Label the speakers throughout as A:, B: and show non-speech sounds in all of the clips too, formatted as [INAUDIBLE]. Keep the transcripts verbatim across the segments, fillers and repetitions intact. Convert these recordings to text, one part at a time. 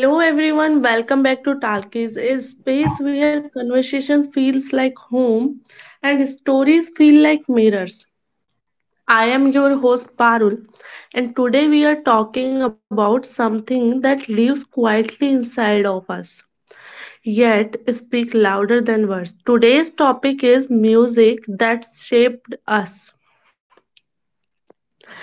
A: Hello everyone, welcome back to Talkies, a space where conversation feels like home and stories feel like mirrors. I am your host Parul, and today we are talking about something that lives quietly inside of us, yet speak louder than words. Today's topic is music that shaped us.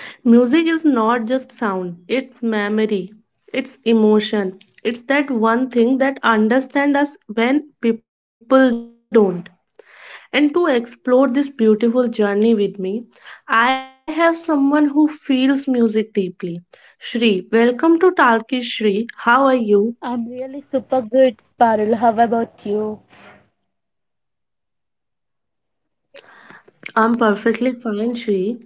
A: Music is not just sound, it's memory, it's emotion. It's that one thing that understands us when people don't. And to explore this beautiful journey with me, I have someone who feels music deeply. Shri, welcome to Talki Shri. How are you?
B: I'm really super good, Parul. How about you?
A: I'm perfectly fine, Shri.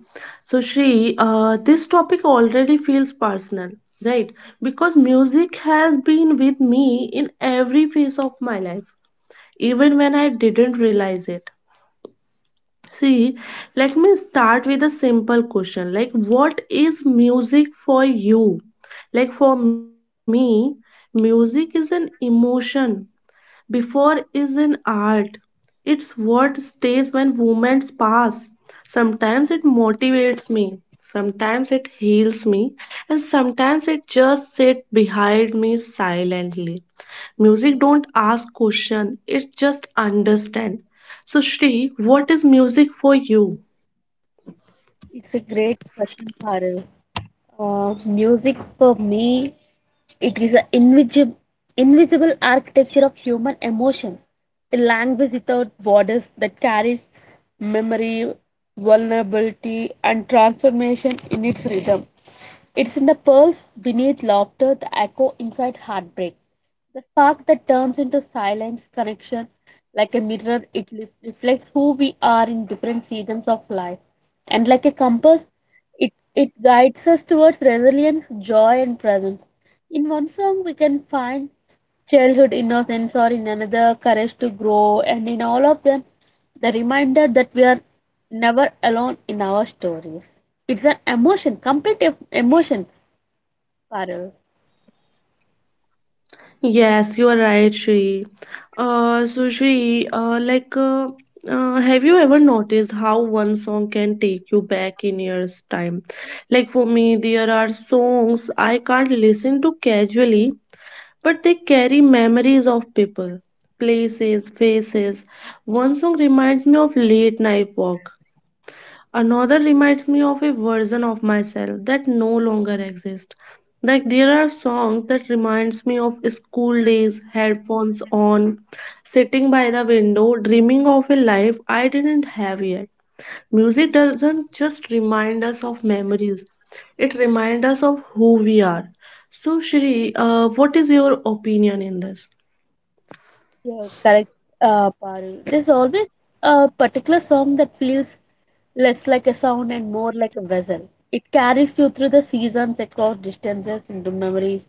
A: So, Shri, uh, this topic already feels personal, right? Because music has been with me in every phase of my life even when I didn't realize it. See, let me start with a simple question like, what is music for you? Like, for me, music is an emotion before is an art. It's what stays when moments pass. Sometimes it motivates me, sometimes it heals me, and sometimes it just sits behind me silently. Music don't ask question, it just understand. So Shri, what is music for you?
B: It's a great question, Parul. Uh, music for me, it is an invisible, invisible architecture of human emotion, a language without borders that carries memory, vulnerability, and transformation in its rhythm. It's in the pulse beneath laughter, the echo inside heartbreak, the spark that turns into silence, connection. Like a mirror, it li- reflects who we are in different seasons of life. And like a compass, it it guides us towards resilience, joy, and presence. In one song, we can find childhood innocence, or in another, courage to grow, and in all of them, the reminder that we are never alone in our stories. It's an emotion, complete ef- emotion, Parul.
A: Yes, you are right, Shri. Uh, so Shri, uh, like, uh, uh, have you ever noticed how one song can take you back in years' time? Like for me, there are songs I can't listen to casually, but they carry memories of people, places, faces. One song reminds me of late night walk. Another reminds me of a version of myself that no longer exists. Like there are songs that reminds me of school days, headphones on, sitting by the window, dreaming of a life I didn't have yet. Music doesn't just remind us of memories, it reminds us of who we are. So Shri, uh, what is your opinion in this?
B: Yeah, correct, uh, Parul. There's always a particular song that feels less like a sound and more like a vessel. It carries you through the seasons, across distances, into memories,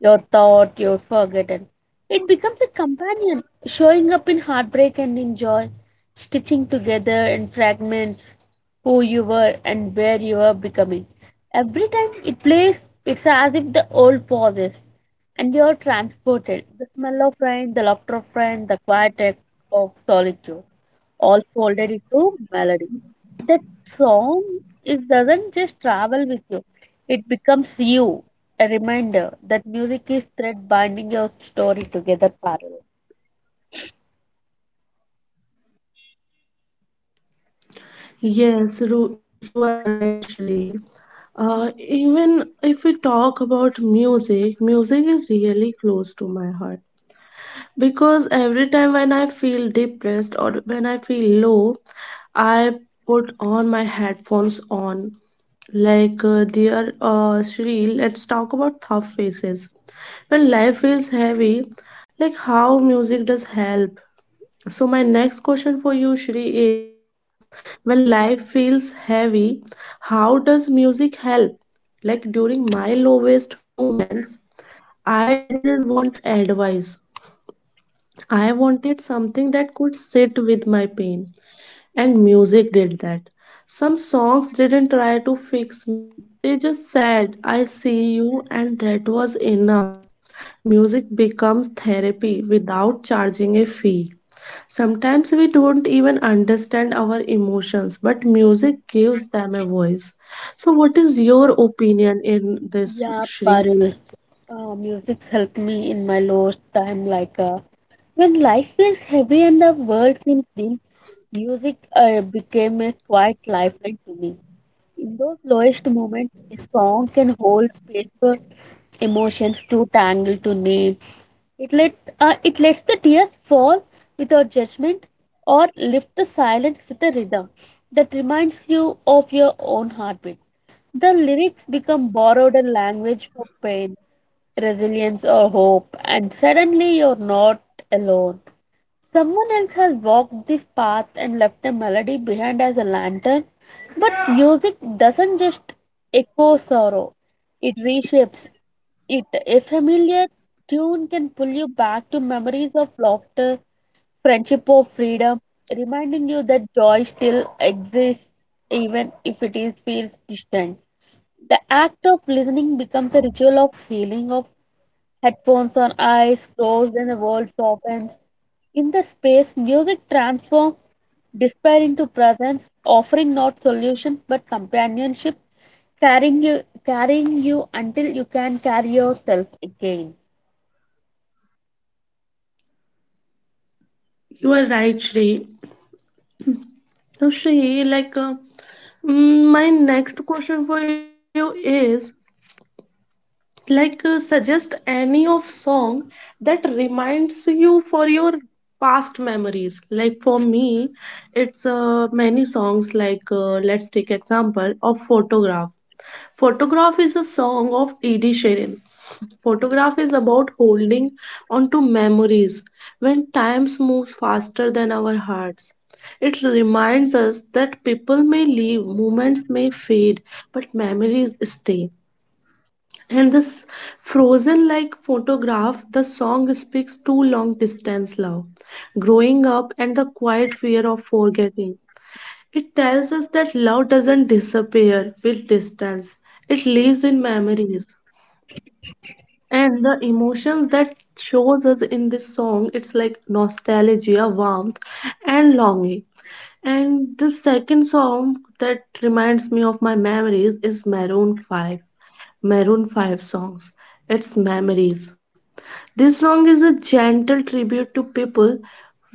B: your thought, your forgotten. It becomes a companion, showing up in heartbreak and in joy, stitching together in fragments who you were and where you were becoming. Every time it plays, it's as if the old pauses and you're transported. The smell of rain, the laughter of friends, the quiet of solitude, all folded into melody that song is doesn't just travel with you, it becomes you, a reminder that music is thread binding your story together, Parul.
A: Yes, Ru- you are right, Shri. Uh, even if we talk about music, music is really close to my heart because every time when I feel depressed or when I feel low, I put on my headphones on. Like, uh, dear uh, Shri, let's talk about tough faces. When life feels heavy, like how music does help. So, my next question for you, Shri, is when life feels heavy, how does music help? Like during my lowest moments, I didn't want advice. I wanted something that could sit with my pain. And music did that. Some songs didn't try to fix me, they just said, I see you, and that was enough. Music becomes therapy without charging a fee. Sometimes we don't even understand our emotions, but music gives them a voice. So, what is your opinion in this,
B: Yeah,
A: Shri?
B: Parul, uh, music's helped me in my lowest time. Like uh, when life feels heavy and the world seems dim, music uh, became a quiet lifeline to me. In those lowest moments, a song can hold space for emotions too tangled to name. It let uh, it lets the tears fall without judgment or lift the silence with a rhythm that reminds you of your own heartbeat. The lyrics become borrowed language for pain, resilience, or hope, and suddenly you're not alone. Someone else has walked this path and left a melody behind as a lantern. But music doesn't just echo sorrow, it reshapes it. A familiar tune can pull you back to memories of laughter, friendship, or freedom, reminding you that joy still exists even if it is feels distant. The act of listening becomes a ritual of healing of headphones on, eyes closed, and the world softens. In that space, music transforms despair into presence, offering not solutions but companionship, carrying you, carrying you until you can carry yourself again.
A: You are right, Shri. So, Shri, like, uh, mm, my next question for you is like uh, suggest any of song that reminds you for your past memories. Like for me, it's uh, many songs, like uh, let's take example of photograph. Photograph is a song of Ed Sheeran. Photograph is about holding on to memories when times moves faster than our hearts. It reminds us that people may leave, moments may fade, but memories stay. And this frozen like photograph, the song speaks to long distance love, growing up, and the quiet fear of forgetting. It tells us that love doesn't disappear with distance, it lives in memories. And the emotions that shows us in this song, it's like nostalgia, warmth, and longing. And the second song that reminds me of my memories is Maroon five. Maroon five songs. It's memories. This song is a gentle tribute to people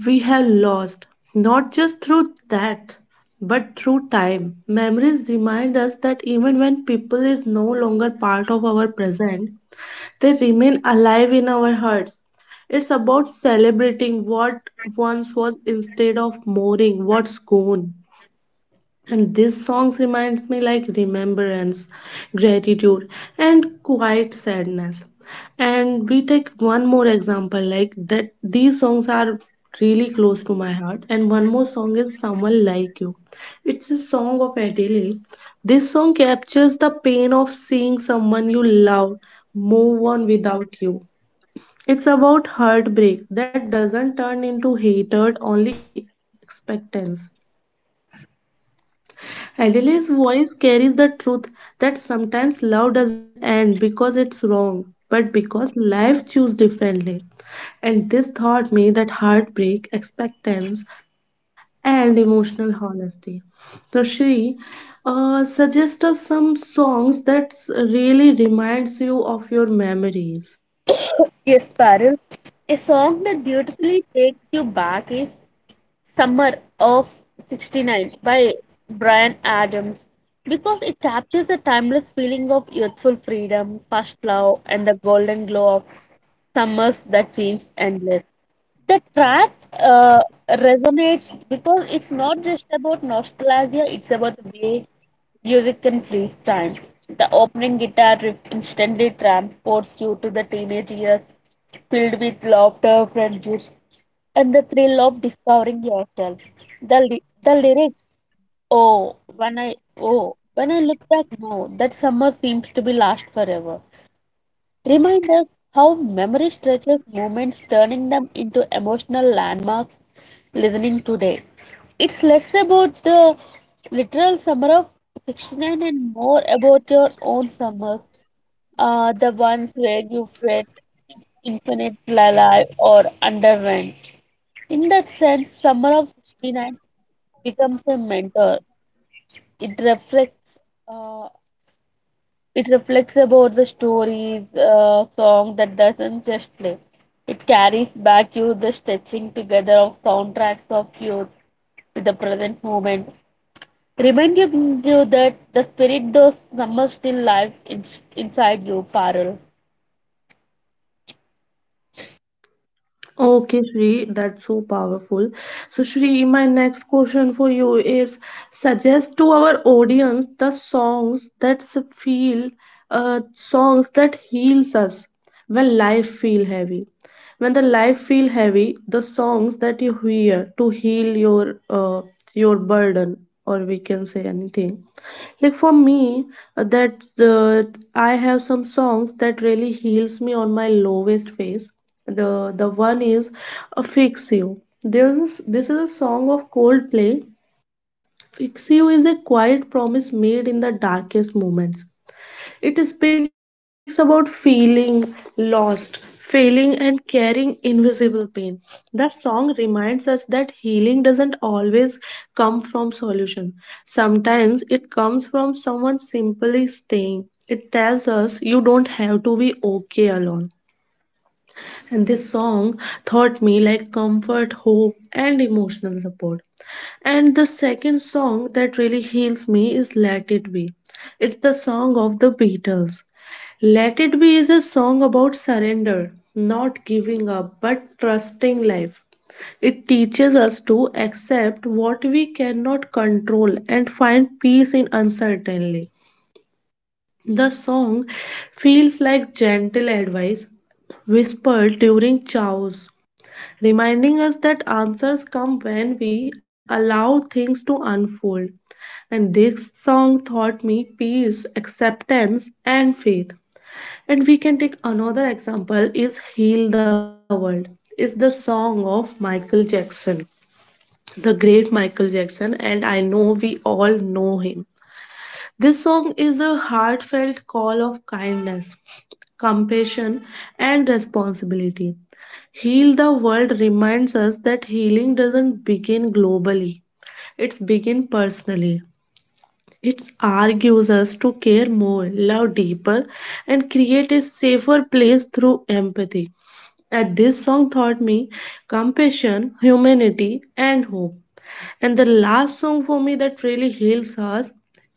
A: we have lost, not just through that, but through time. Memories remind us that even when people is no longer part of our present, they remain alive in our hearts. It's about celebrating what once was instead of mourning what's gone. And these songs reminds me like remembrance, gratitude, and quiet sadness. And we take one more example like that. These songs are really close to my heart, and one more song is Someone Like You. It's a song of Adele. This song captures the pain of seeing someone you love move on without you. It's about heartbreak that doesn't turn into hatred, only expectance. Adele's voice carries the truth that sometimes love doesn't end because it's wrong, but because life chooses differently. And this taught me that heartbreak, expectance, and emotional honesty. So, she uh, suggests us some songs that really reminds you of your memories.
B: Yes, Parul. A song that beautifully takes you back is Summer of sixty-nine by Brian Adams because it captures the timeless feeling of youthful freedom, first love, and the golden glow of summers that seems endless. The track uh, resonates because it's not just about nostalgia, it's about the way music can freeze time. The opening guitar riff instantly transports you to the teenage years filled with laughter, friendships, and the thrill of discovering yourself. The ly- the lyrics, "Oh, when I oh, when I look back, no, that summer seems to be last forever." Remind us how memory stretches moments, turning them into emotional landmarks. Listening today, it's less about the literal Summer of sixty-nine and more about your own summers, uh, the ones where you felt infinite alive or under. In that sense, Summer of sixty-nine becomes a mentor. It reflects uh, it reflects about the stories, uh, song that doesn't just play. It carries back you the stitching together of soundtracks of youth with the present moment, reminding you that the spirit those summers still lives in, inside you, Parul.
A: Okay, Shri, that's so powerful. So, Shri, my next question for you is suggest to our audience the songs that s- feel, uh, songs that heals us when life feel heavy. When the life feel heavy, the songs that you hear to heal your uh, your burden or we can say anything. Like for me, uh, that uh, I have some songs that really heals me on my lowest phase. The the one is uh, Fix You. This this is a song of Coldplay. Fix You is a quiet promise made in the darkest moments. It speaks about feeling lost, failing, and carrying invisible pain. The song reminds us that healing doesn't always come from solution. Sometimes it comes from someone simply staying. It tells us you don't have to be okay alone. And this song taught me like comfort, hope, and emotional support. And the second song that really heals me is Let It Be. It's the song of the Beatles. Let It Be is a song about surrender, not giving up, but trusting life. It teaches us to accept what we cannot control and find peace in uncertainty. The song feels like gentle advice whispered during chaos, reminding us that answers come when we allow things to unfold. And this song taught me peace, acceptance, and faith. And we can take another example is Heal the World. It's the song of Michael Jackson, the great Michael Jackson, and I know we all know him. This song is a heartfelt call of kindness, compassion, and responsibility. Heal the World reminds us that healing doesn't begin globally, it's begin personally. It argues us to care more, love deeper, and create a safer place through empathy. And this song taught me compassion, humanity, and hope. And the last song for me that really heals us,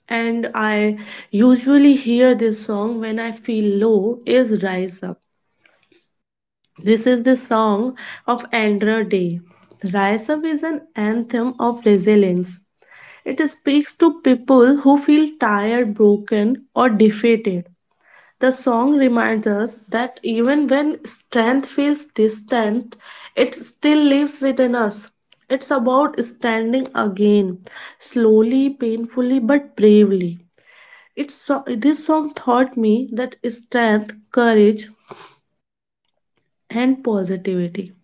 A: and I usually hear this song when I feel low, is Rise Up. This is the song of Andra Day. Rise Up is an anthem of resilience. It speaks to people who feel tired, broken, or defeated. The song reminds us that even when strength feels distant, it still lives within us. It's about standing again, slowly, painfully, but bravely. It's so, this song taught me that strength, courage, and positivity.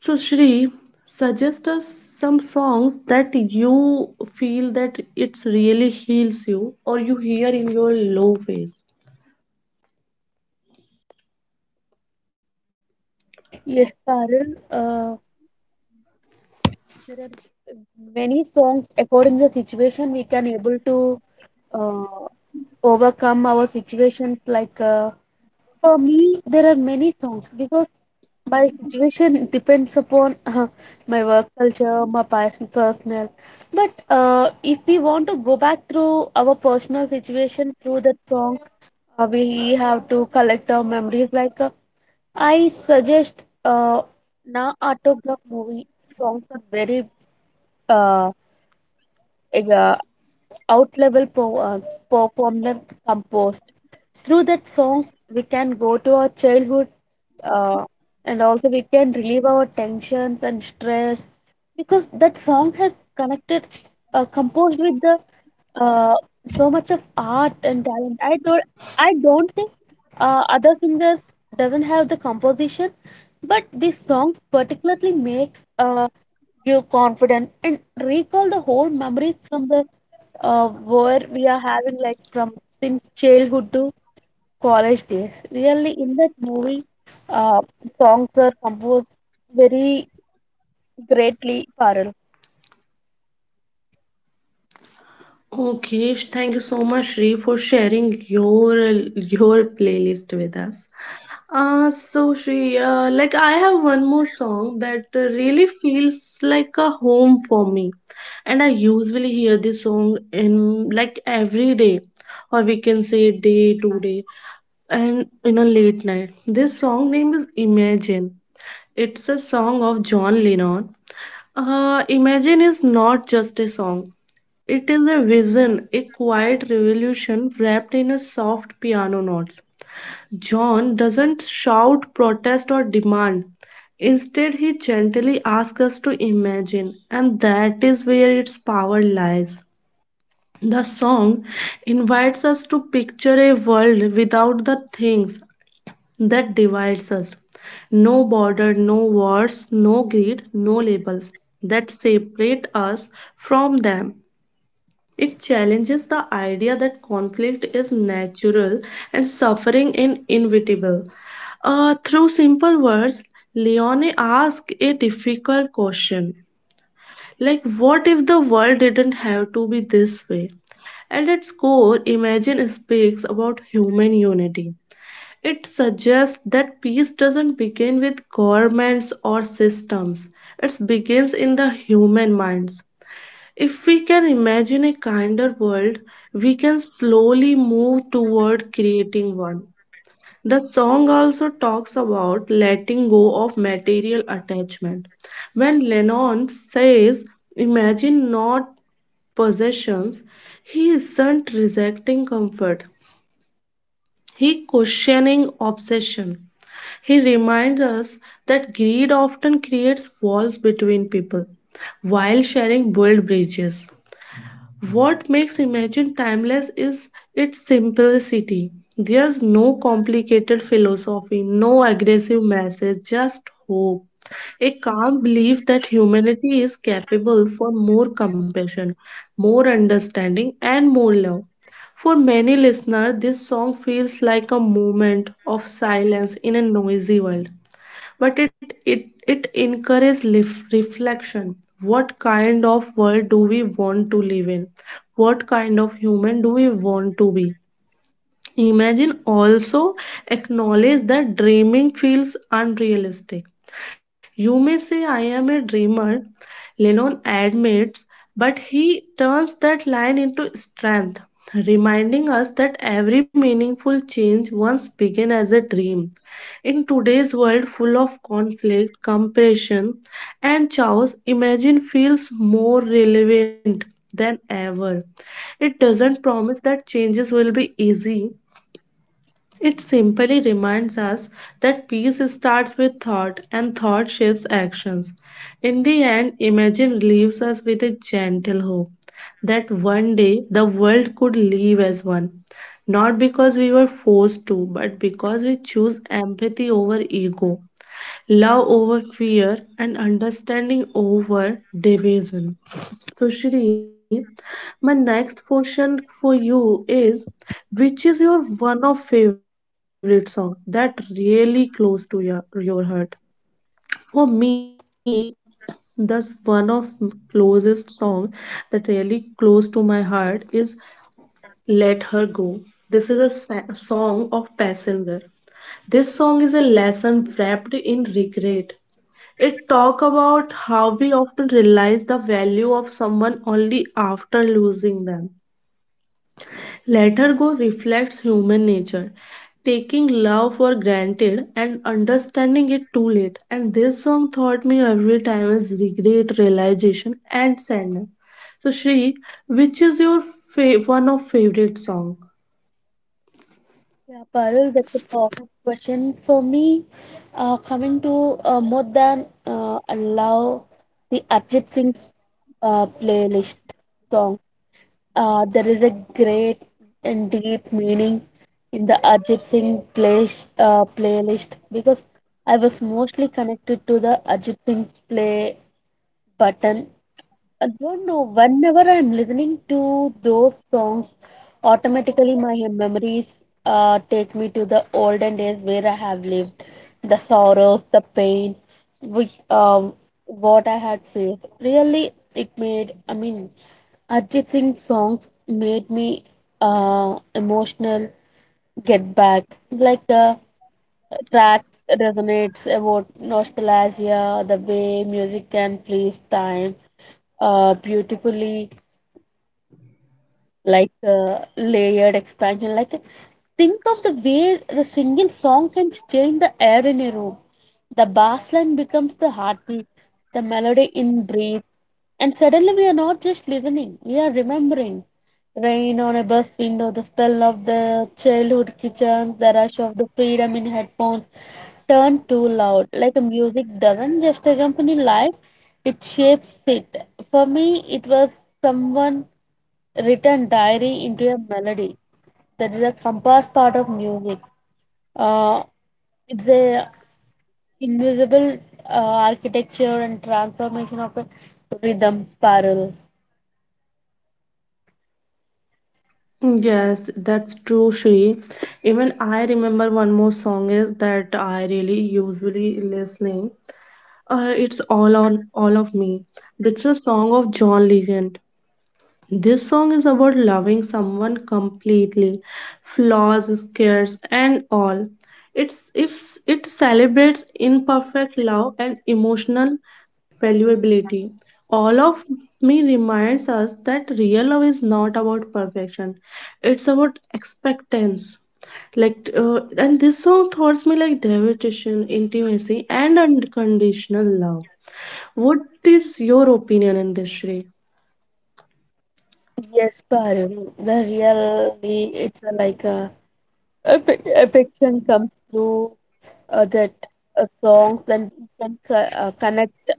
A: So, Shri, suggest us some songs that you feel that it really heals you or you hear in your low phase.
B: Yes, Parul, uh, there are many songs according to the situation we can able to uh, overcome our situations. like uh, For me, there are many songs because my situation depends upon uh, my work culture, my pers- personal. But uh, if we want to go back through our personal situation through that song, uh, we have to collect our memories. Like uh, I suggest, uh, Na Autograph movie songs are very uh, eg- uh, out level po- uh, performed and composed. Through that songs, we can go to our childhood uh, and also we can relieve our tensions and stress because that song has connected, uh, composed with the uh, so much of art and talent. I don't, I don't think uh, other singers doesn't have the composition, but these songs particularly makes uh, you confident and recall the whole memories from the uh, where we are having, like from since childhood to college days. Really, in that movie, uh, songs are composed very greatly, Parul.
A: Okay, thank you so much, Shri, for sharing your your playlist with us. Uh, so she, uh, like I have one more song that uh, really feels like a home for me, and I usually hear this song in like every day, or we can say day to day, and in a late night. This song name is Imagine. It's a song of John Lennon. Uh, Imagine is not just a song. It is a vision, a quiet revolution wrapped in a soft piano notes. John doesn't shout, protest, or demand. Instead, he gently asks us to imagine, and that is where its power lies. The song invites us to picture a world without the things that divides us. No border, no wars, no greed, no labels that separate us from them. It challenges the idea that conflict is natural and suffering is inevitable. Uh, through simple words, Leone asks a difficult question like, what if the world didn't have to be this way? At its core, Imagine speaks about human unity. It suggests that peace doesn't begin with governments or systems, it begins in the human minds. If we can imagine a kinder world, we can slowly move toward creating one. The song also talks about letting go of material attachment. When Lennon says, imagine not possessions, he isn't rejecting comfort, he questioning obsession. He reminds us that greed often creates walls between people, while sharing build bridges. What makes Imagine timeless is its simplicity. There's no complicated philosophy, no aggressive message, just hope. A calm belief that humanity is capable for more compassion, more understanding, and more love. For many listeners, this song feels like a moment of silence in a noisy world, but it it it encourages lif- reflection. What kind of world do we want to live in? What kind of human do we want to be? Imagine also acknowledge that dreaming feels unrealistic. You may say I am a dreamer, Lennon admits, but he turns that line into strength, reminding us that every meaningful change once began as a dream. In today's world full of conflict, compression, and chaos, Imagine feels more relevant than ever. It doesn't promise that changes will be easy, it simply reminds us that peace starts with thought and thought shapes actions. In the end, Imagine leaves us with a gentle hope that one day the world could live as one. Not because we were forced to, but because we choose empathy over ego, love over fear, and understanding over division. So, Shri, my next question for you is, which is your one of favorite song that really close to your, your heart? For me, thus one of m- closest song that really close to my heart is Let Her Go. This is a sa- song of Passenger. This song is a lesson wrapped in regret. It talk about how we often realize the value of someone only after losing them. Let Her Go reflects human nature, taking love for granted and understanding it too late. And this song taught me every time is regret, realization, and sadness. So Shri, which is your fa- one of favorite song?
B: Yeah, Parul, that's a perfect question. For me, uh, coming to uh, more than uh, allow the Arjit Singh's uh, playlist song. Uh, there is a great and deep meaning in the Ajit Singh play, uh, playlist because I was mostly connected to the Ajit Singh play button. I don't know. Whenever I'm listening to those songs, automatically my memories uh, take me to the olden days where I have lived, the sorrows, the pain, which um, what I had faced. Really, it made. I mean, Ajit Singh songs made me uh, emotional. Get back, like the track resonates about nostalgia, the way music can freeze time uh, beautifully. Like uh, layered expansion, like think of the way the single song can change the air in a room. The bass line becomes the heartbeat, the melody in breathe, and suddenly we are not just listening, we are remembering rain on a bus window, the smell of the childhood kitchen, the rush of the freedom in headphones turn too loud. Like music doesn't just accompany life, it shapes it. For me, it was someone written diary into a melody. That is a compass part of music. Uh, it's a invisible uh, architecture and transformation of a rhythm, parallel.
A: Yes, that's true, Shri. Even I remember one more song is that I really usually listening. Uh, it's all on All of Me. That's a song of John Legend. This song is about loving someone completely, flaws, scares, and all. It's if it celebrates imperfect love and emotional valuability. All of Me reminds us that real love is not about perfection. It's about expectance. Like uh, and this song thoughts me like devotion, intimacy, and unconditional love. What is your opinion in this, Shrey?
B: Yes, parallel. The really it's a, like a Affe- affection comes through uh, that uh, songs, and you can co- uh, connect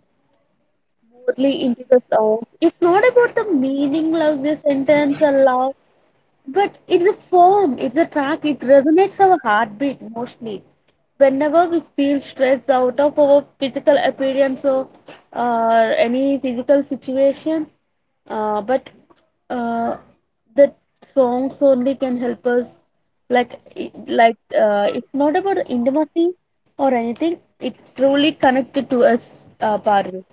B: morely into the songs. It's not about the meaning like the sentence or love. But it's a form, it's a track, it resonates our heartbeat mostly. Whenever we feel stressed out of our physical appearance or uh, any physical situations, uh, but uh, the songs only can help us. Like, i- like uh, it's not about the intimacy or anything. It truly connected to us, uh, Parul.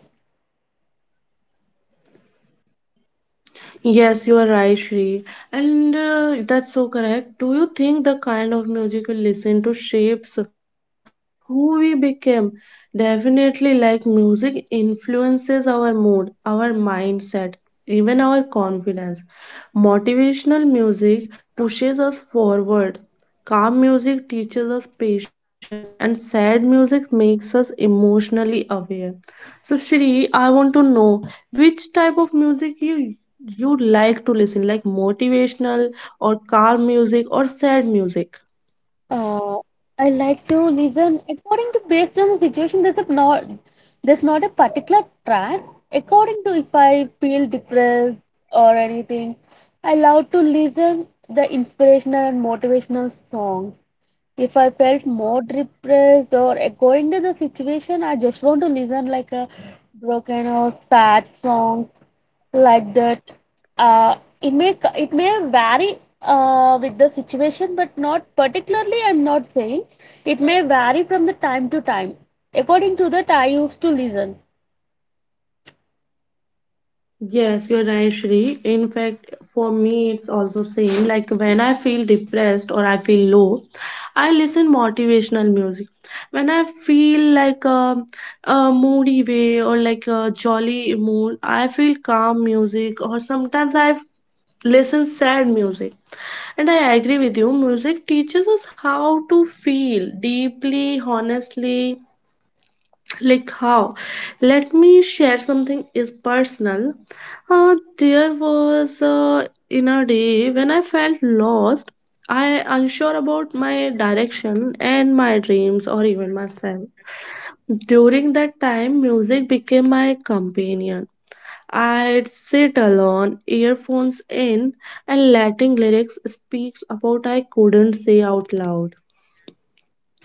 A: Yes, you are right, Shri. And uh, that's so correct. Do you think the kind of music we listen to shapes who we become? Definitely, like music influences our mood, our mindset, even our confidence. Motivational music pushes us forward. Calm music teaches us patience, and sad music makes us emotionally aware. So, Shri, I want to know which type of music you you like to listen, like motivational or calm music or sad music?
B: Uh, I like to listen according to based on the situation. There's a not there's not a particular track. According to if I feel depressed or anything, I love to listen the inspirational and motivational songs. If I felt more depressed or according to the situation, I just want to listen like a broken or sad songs like that. Uh, it may it may vary uh, with the situation, but not particularly. I'm not saying it may vary from the time to time. According to that, I used to listen.
A: Yes, you're right, Shri. In fact, for me, it's also same. Like when I feel depressed or I feel low, I listen motivational music. When I feel like a, a moody way or like a jolly mood, I feel calm music. Or sometimes I listen sad music. And I agree with you, music teaches us how to feel deeply, honestly. [TSK] Like how? Let me share something is personal. Uh, there was uh, in a day when I felt lost, I unsure about my direction and my dreams or even myself. During that time, music became my companion. I'd sit alone, earphones in, and letting lyrics speak about I couldn't say out loud.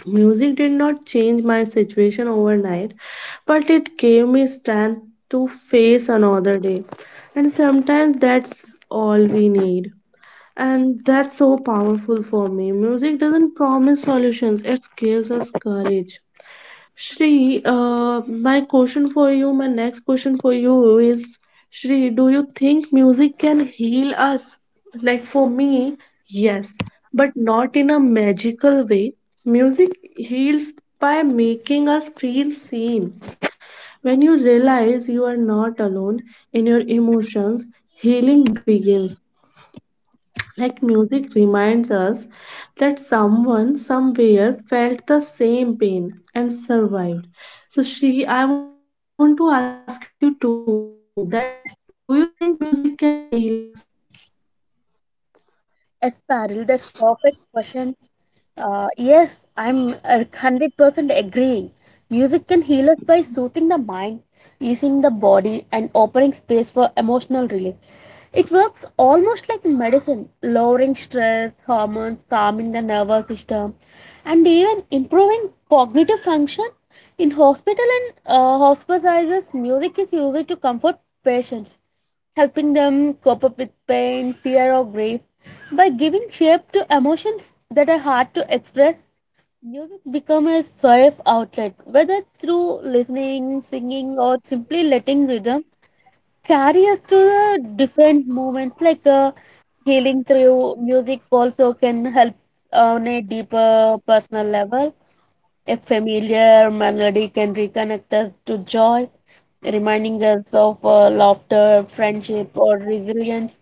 A: Music did not change my situation overnight, but it gave me strength to face another day. And sometimes that's all we need. And that's so powerful for me. Music doesn't promise solutions, it gives us courage. Shri, uh, my question for you, my next question for you is, Shri, do you think music can heal us? Like for me, yes, but not in a magical way. Music heals by making us feel seen. When you realize you are not alone in your emotions, healing begins. Like music reminds us that someone somewhere felt the same pain and survived. So she I want to ask you too, that do you think music can heal us?
B: Esparil, that's perfect question. Uh, yes, I'm a hundred percent agreeing. Music can heal us by soothing the mind, easing the body, and opening space for emotional release. It works almost like medicine, lowering stress, hormones, calming the nervous system, and even improving cognitive function. In hospital and uh, hospices, music is used to comfort patients, helping them cope up with pain, fear, or grief by giving shape to emotions that are hard to express. Music becomes a safe outlet, whether through listening, singing, or simply letting rhythm carry us to the different moments. Like uh, healing through music also can help on a deeper personal level. A familiar melody can reconnect us to joy, reminding us of uh, laughter, friendship, or resilience.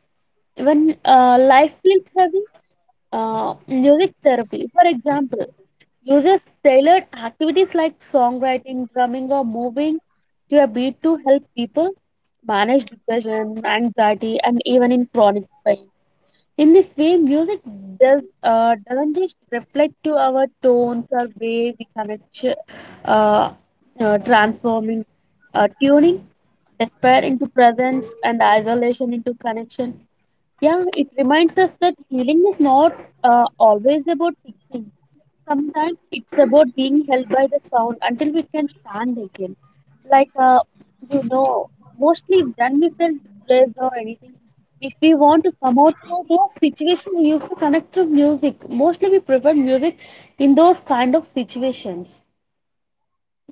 B: When uh, life feels heavy, uh, music therapy, for example, uses tailored activities like songwriting, drumming, or moving to a beat to help people manage depression, anxiety, and even in chronic pain. In this way, music does uh, doesn't just reflect to our tones or way we connect, uh, uh, transforming, uh, tuning despair into presence and isolation into connection. Yeah, it reminds us that healing is not uh, always about fixing. Sometimes it's about being held by the sound until we can stand again. Like, uh, you know, Mostly when we feel depressed or anything, if we want to come out through those situations, we used to connect to music. Mostly we prefer music in those kind of situations.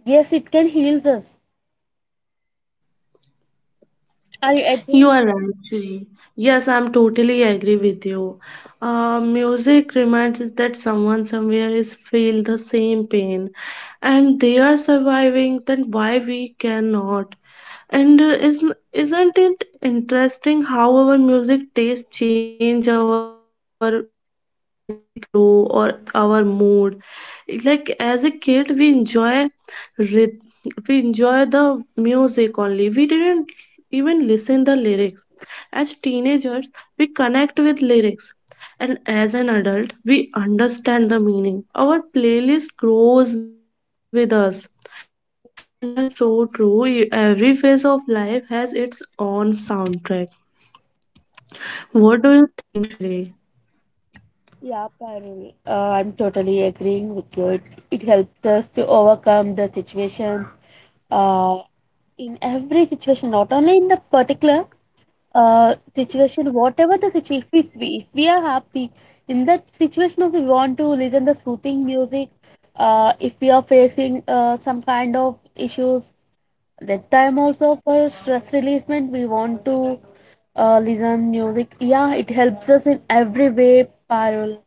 B: Yes, it can heal us. I
A: You
B: agree.
A: are right, Shri. Yes, I'm totally agree with you. Uh, music reminds us that someone somewhere is feel the same pain, and they are surviving. Then why we cannot? And uh, isn't isn't it interesting how our music taste change our as we grow or our mood? Like as a kid, we enjoy rhythm. We enjoy the music only. We didn't even listen the lyrics. As teenagers, we connect with lyrics, and as an adult, we understand the meaning. Our playlist grows with us, and that's so true. Every phase of life has its own soundtrack. What do you think, Shri?
B: Yeah, Parul, uh, I'm totally agreeing with you. It, it helps us to overcome the situations uh, in every situation, not only in the particular uh, situation, whatever the situation. If we, if we are happy in that situation, if we want to listen the soothing music, uh, if we are facing uh, some kind of issues, that time also for stress releasement, we want to uh, listen music. Yeah, it helps us in every way, Parul.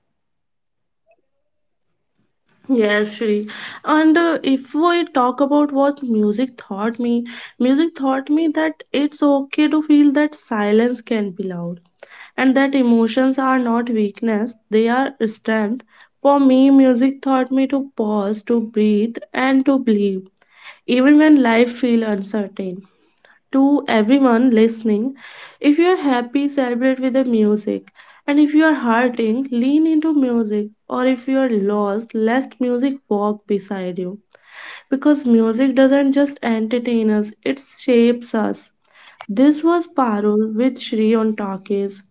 A: Yes, Shri. And uh, if we talk about what music taught me, music taught me that it's okay to feel, that silence can be loud and that emotions are not weakness, they are strength. For me, music taught me to pause, to breathe, and to believe, even when life feels uncertain. To everyone listening, if you're happy, celebrate with the music. And if you are hurting, lean into music. Or if you are lost, let music walk beside you. Because music doesn't just entertain us, it shapes us. This was Parul with Shri on Talkies.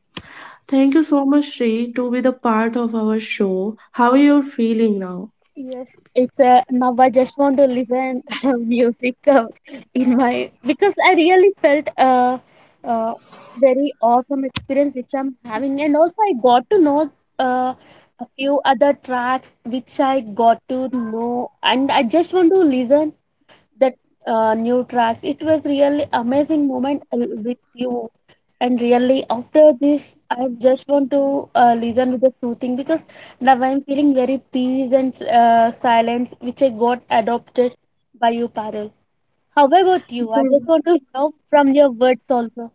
A: Thank you so much, Shri, to be the part of our show. How are you feeling now?
B: Yes, it's a now I just want to listen [LAUGHS] music uh, in my, because I really felt a uh, uh, very awesome experience which I'm having, and also I got to know uh, a few other tracks which I got to know, and I just want to listen that uh, new tracks. It was really amazing moment uh, with you. And really, after this, I just want to uh, listen with the soothing because now I'm feeling very peace and uh, silence, which I got adopted by you, Parul. How about you? I just
A: Thank
B: want to know from your words also.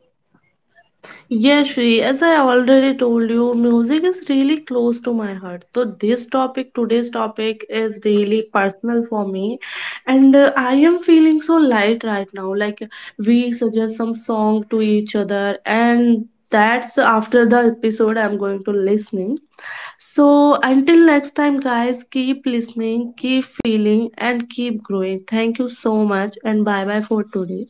A: Yeah, Shri, as I already told you, music is really close to my heart. So this topic, today's topic is really personal for me. And uh, I am feeling so light right now. Like we suggest some song to each other and that's after the episode I'm going to listening. So until next time guys, keep listening, keep feeling and keep growing. Thank you so much and bye bye for today.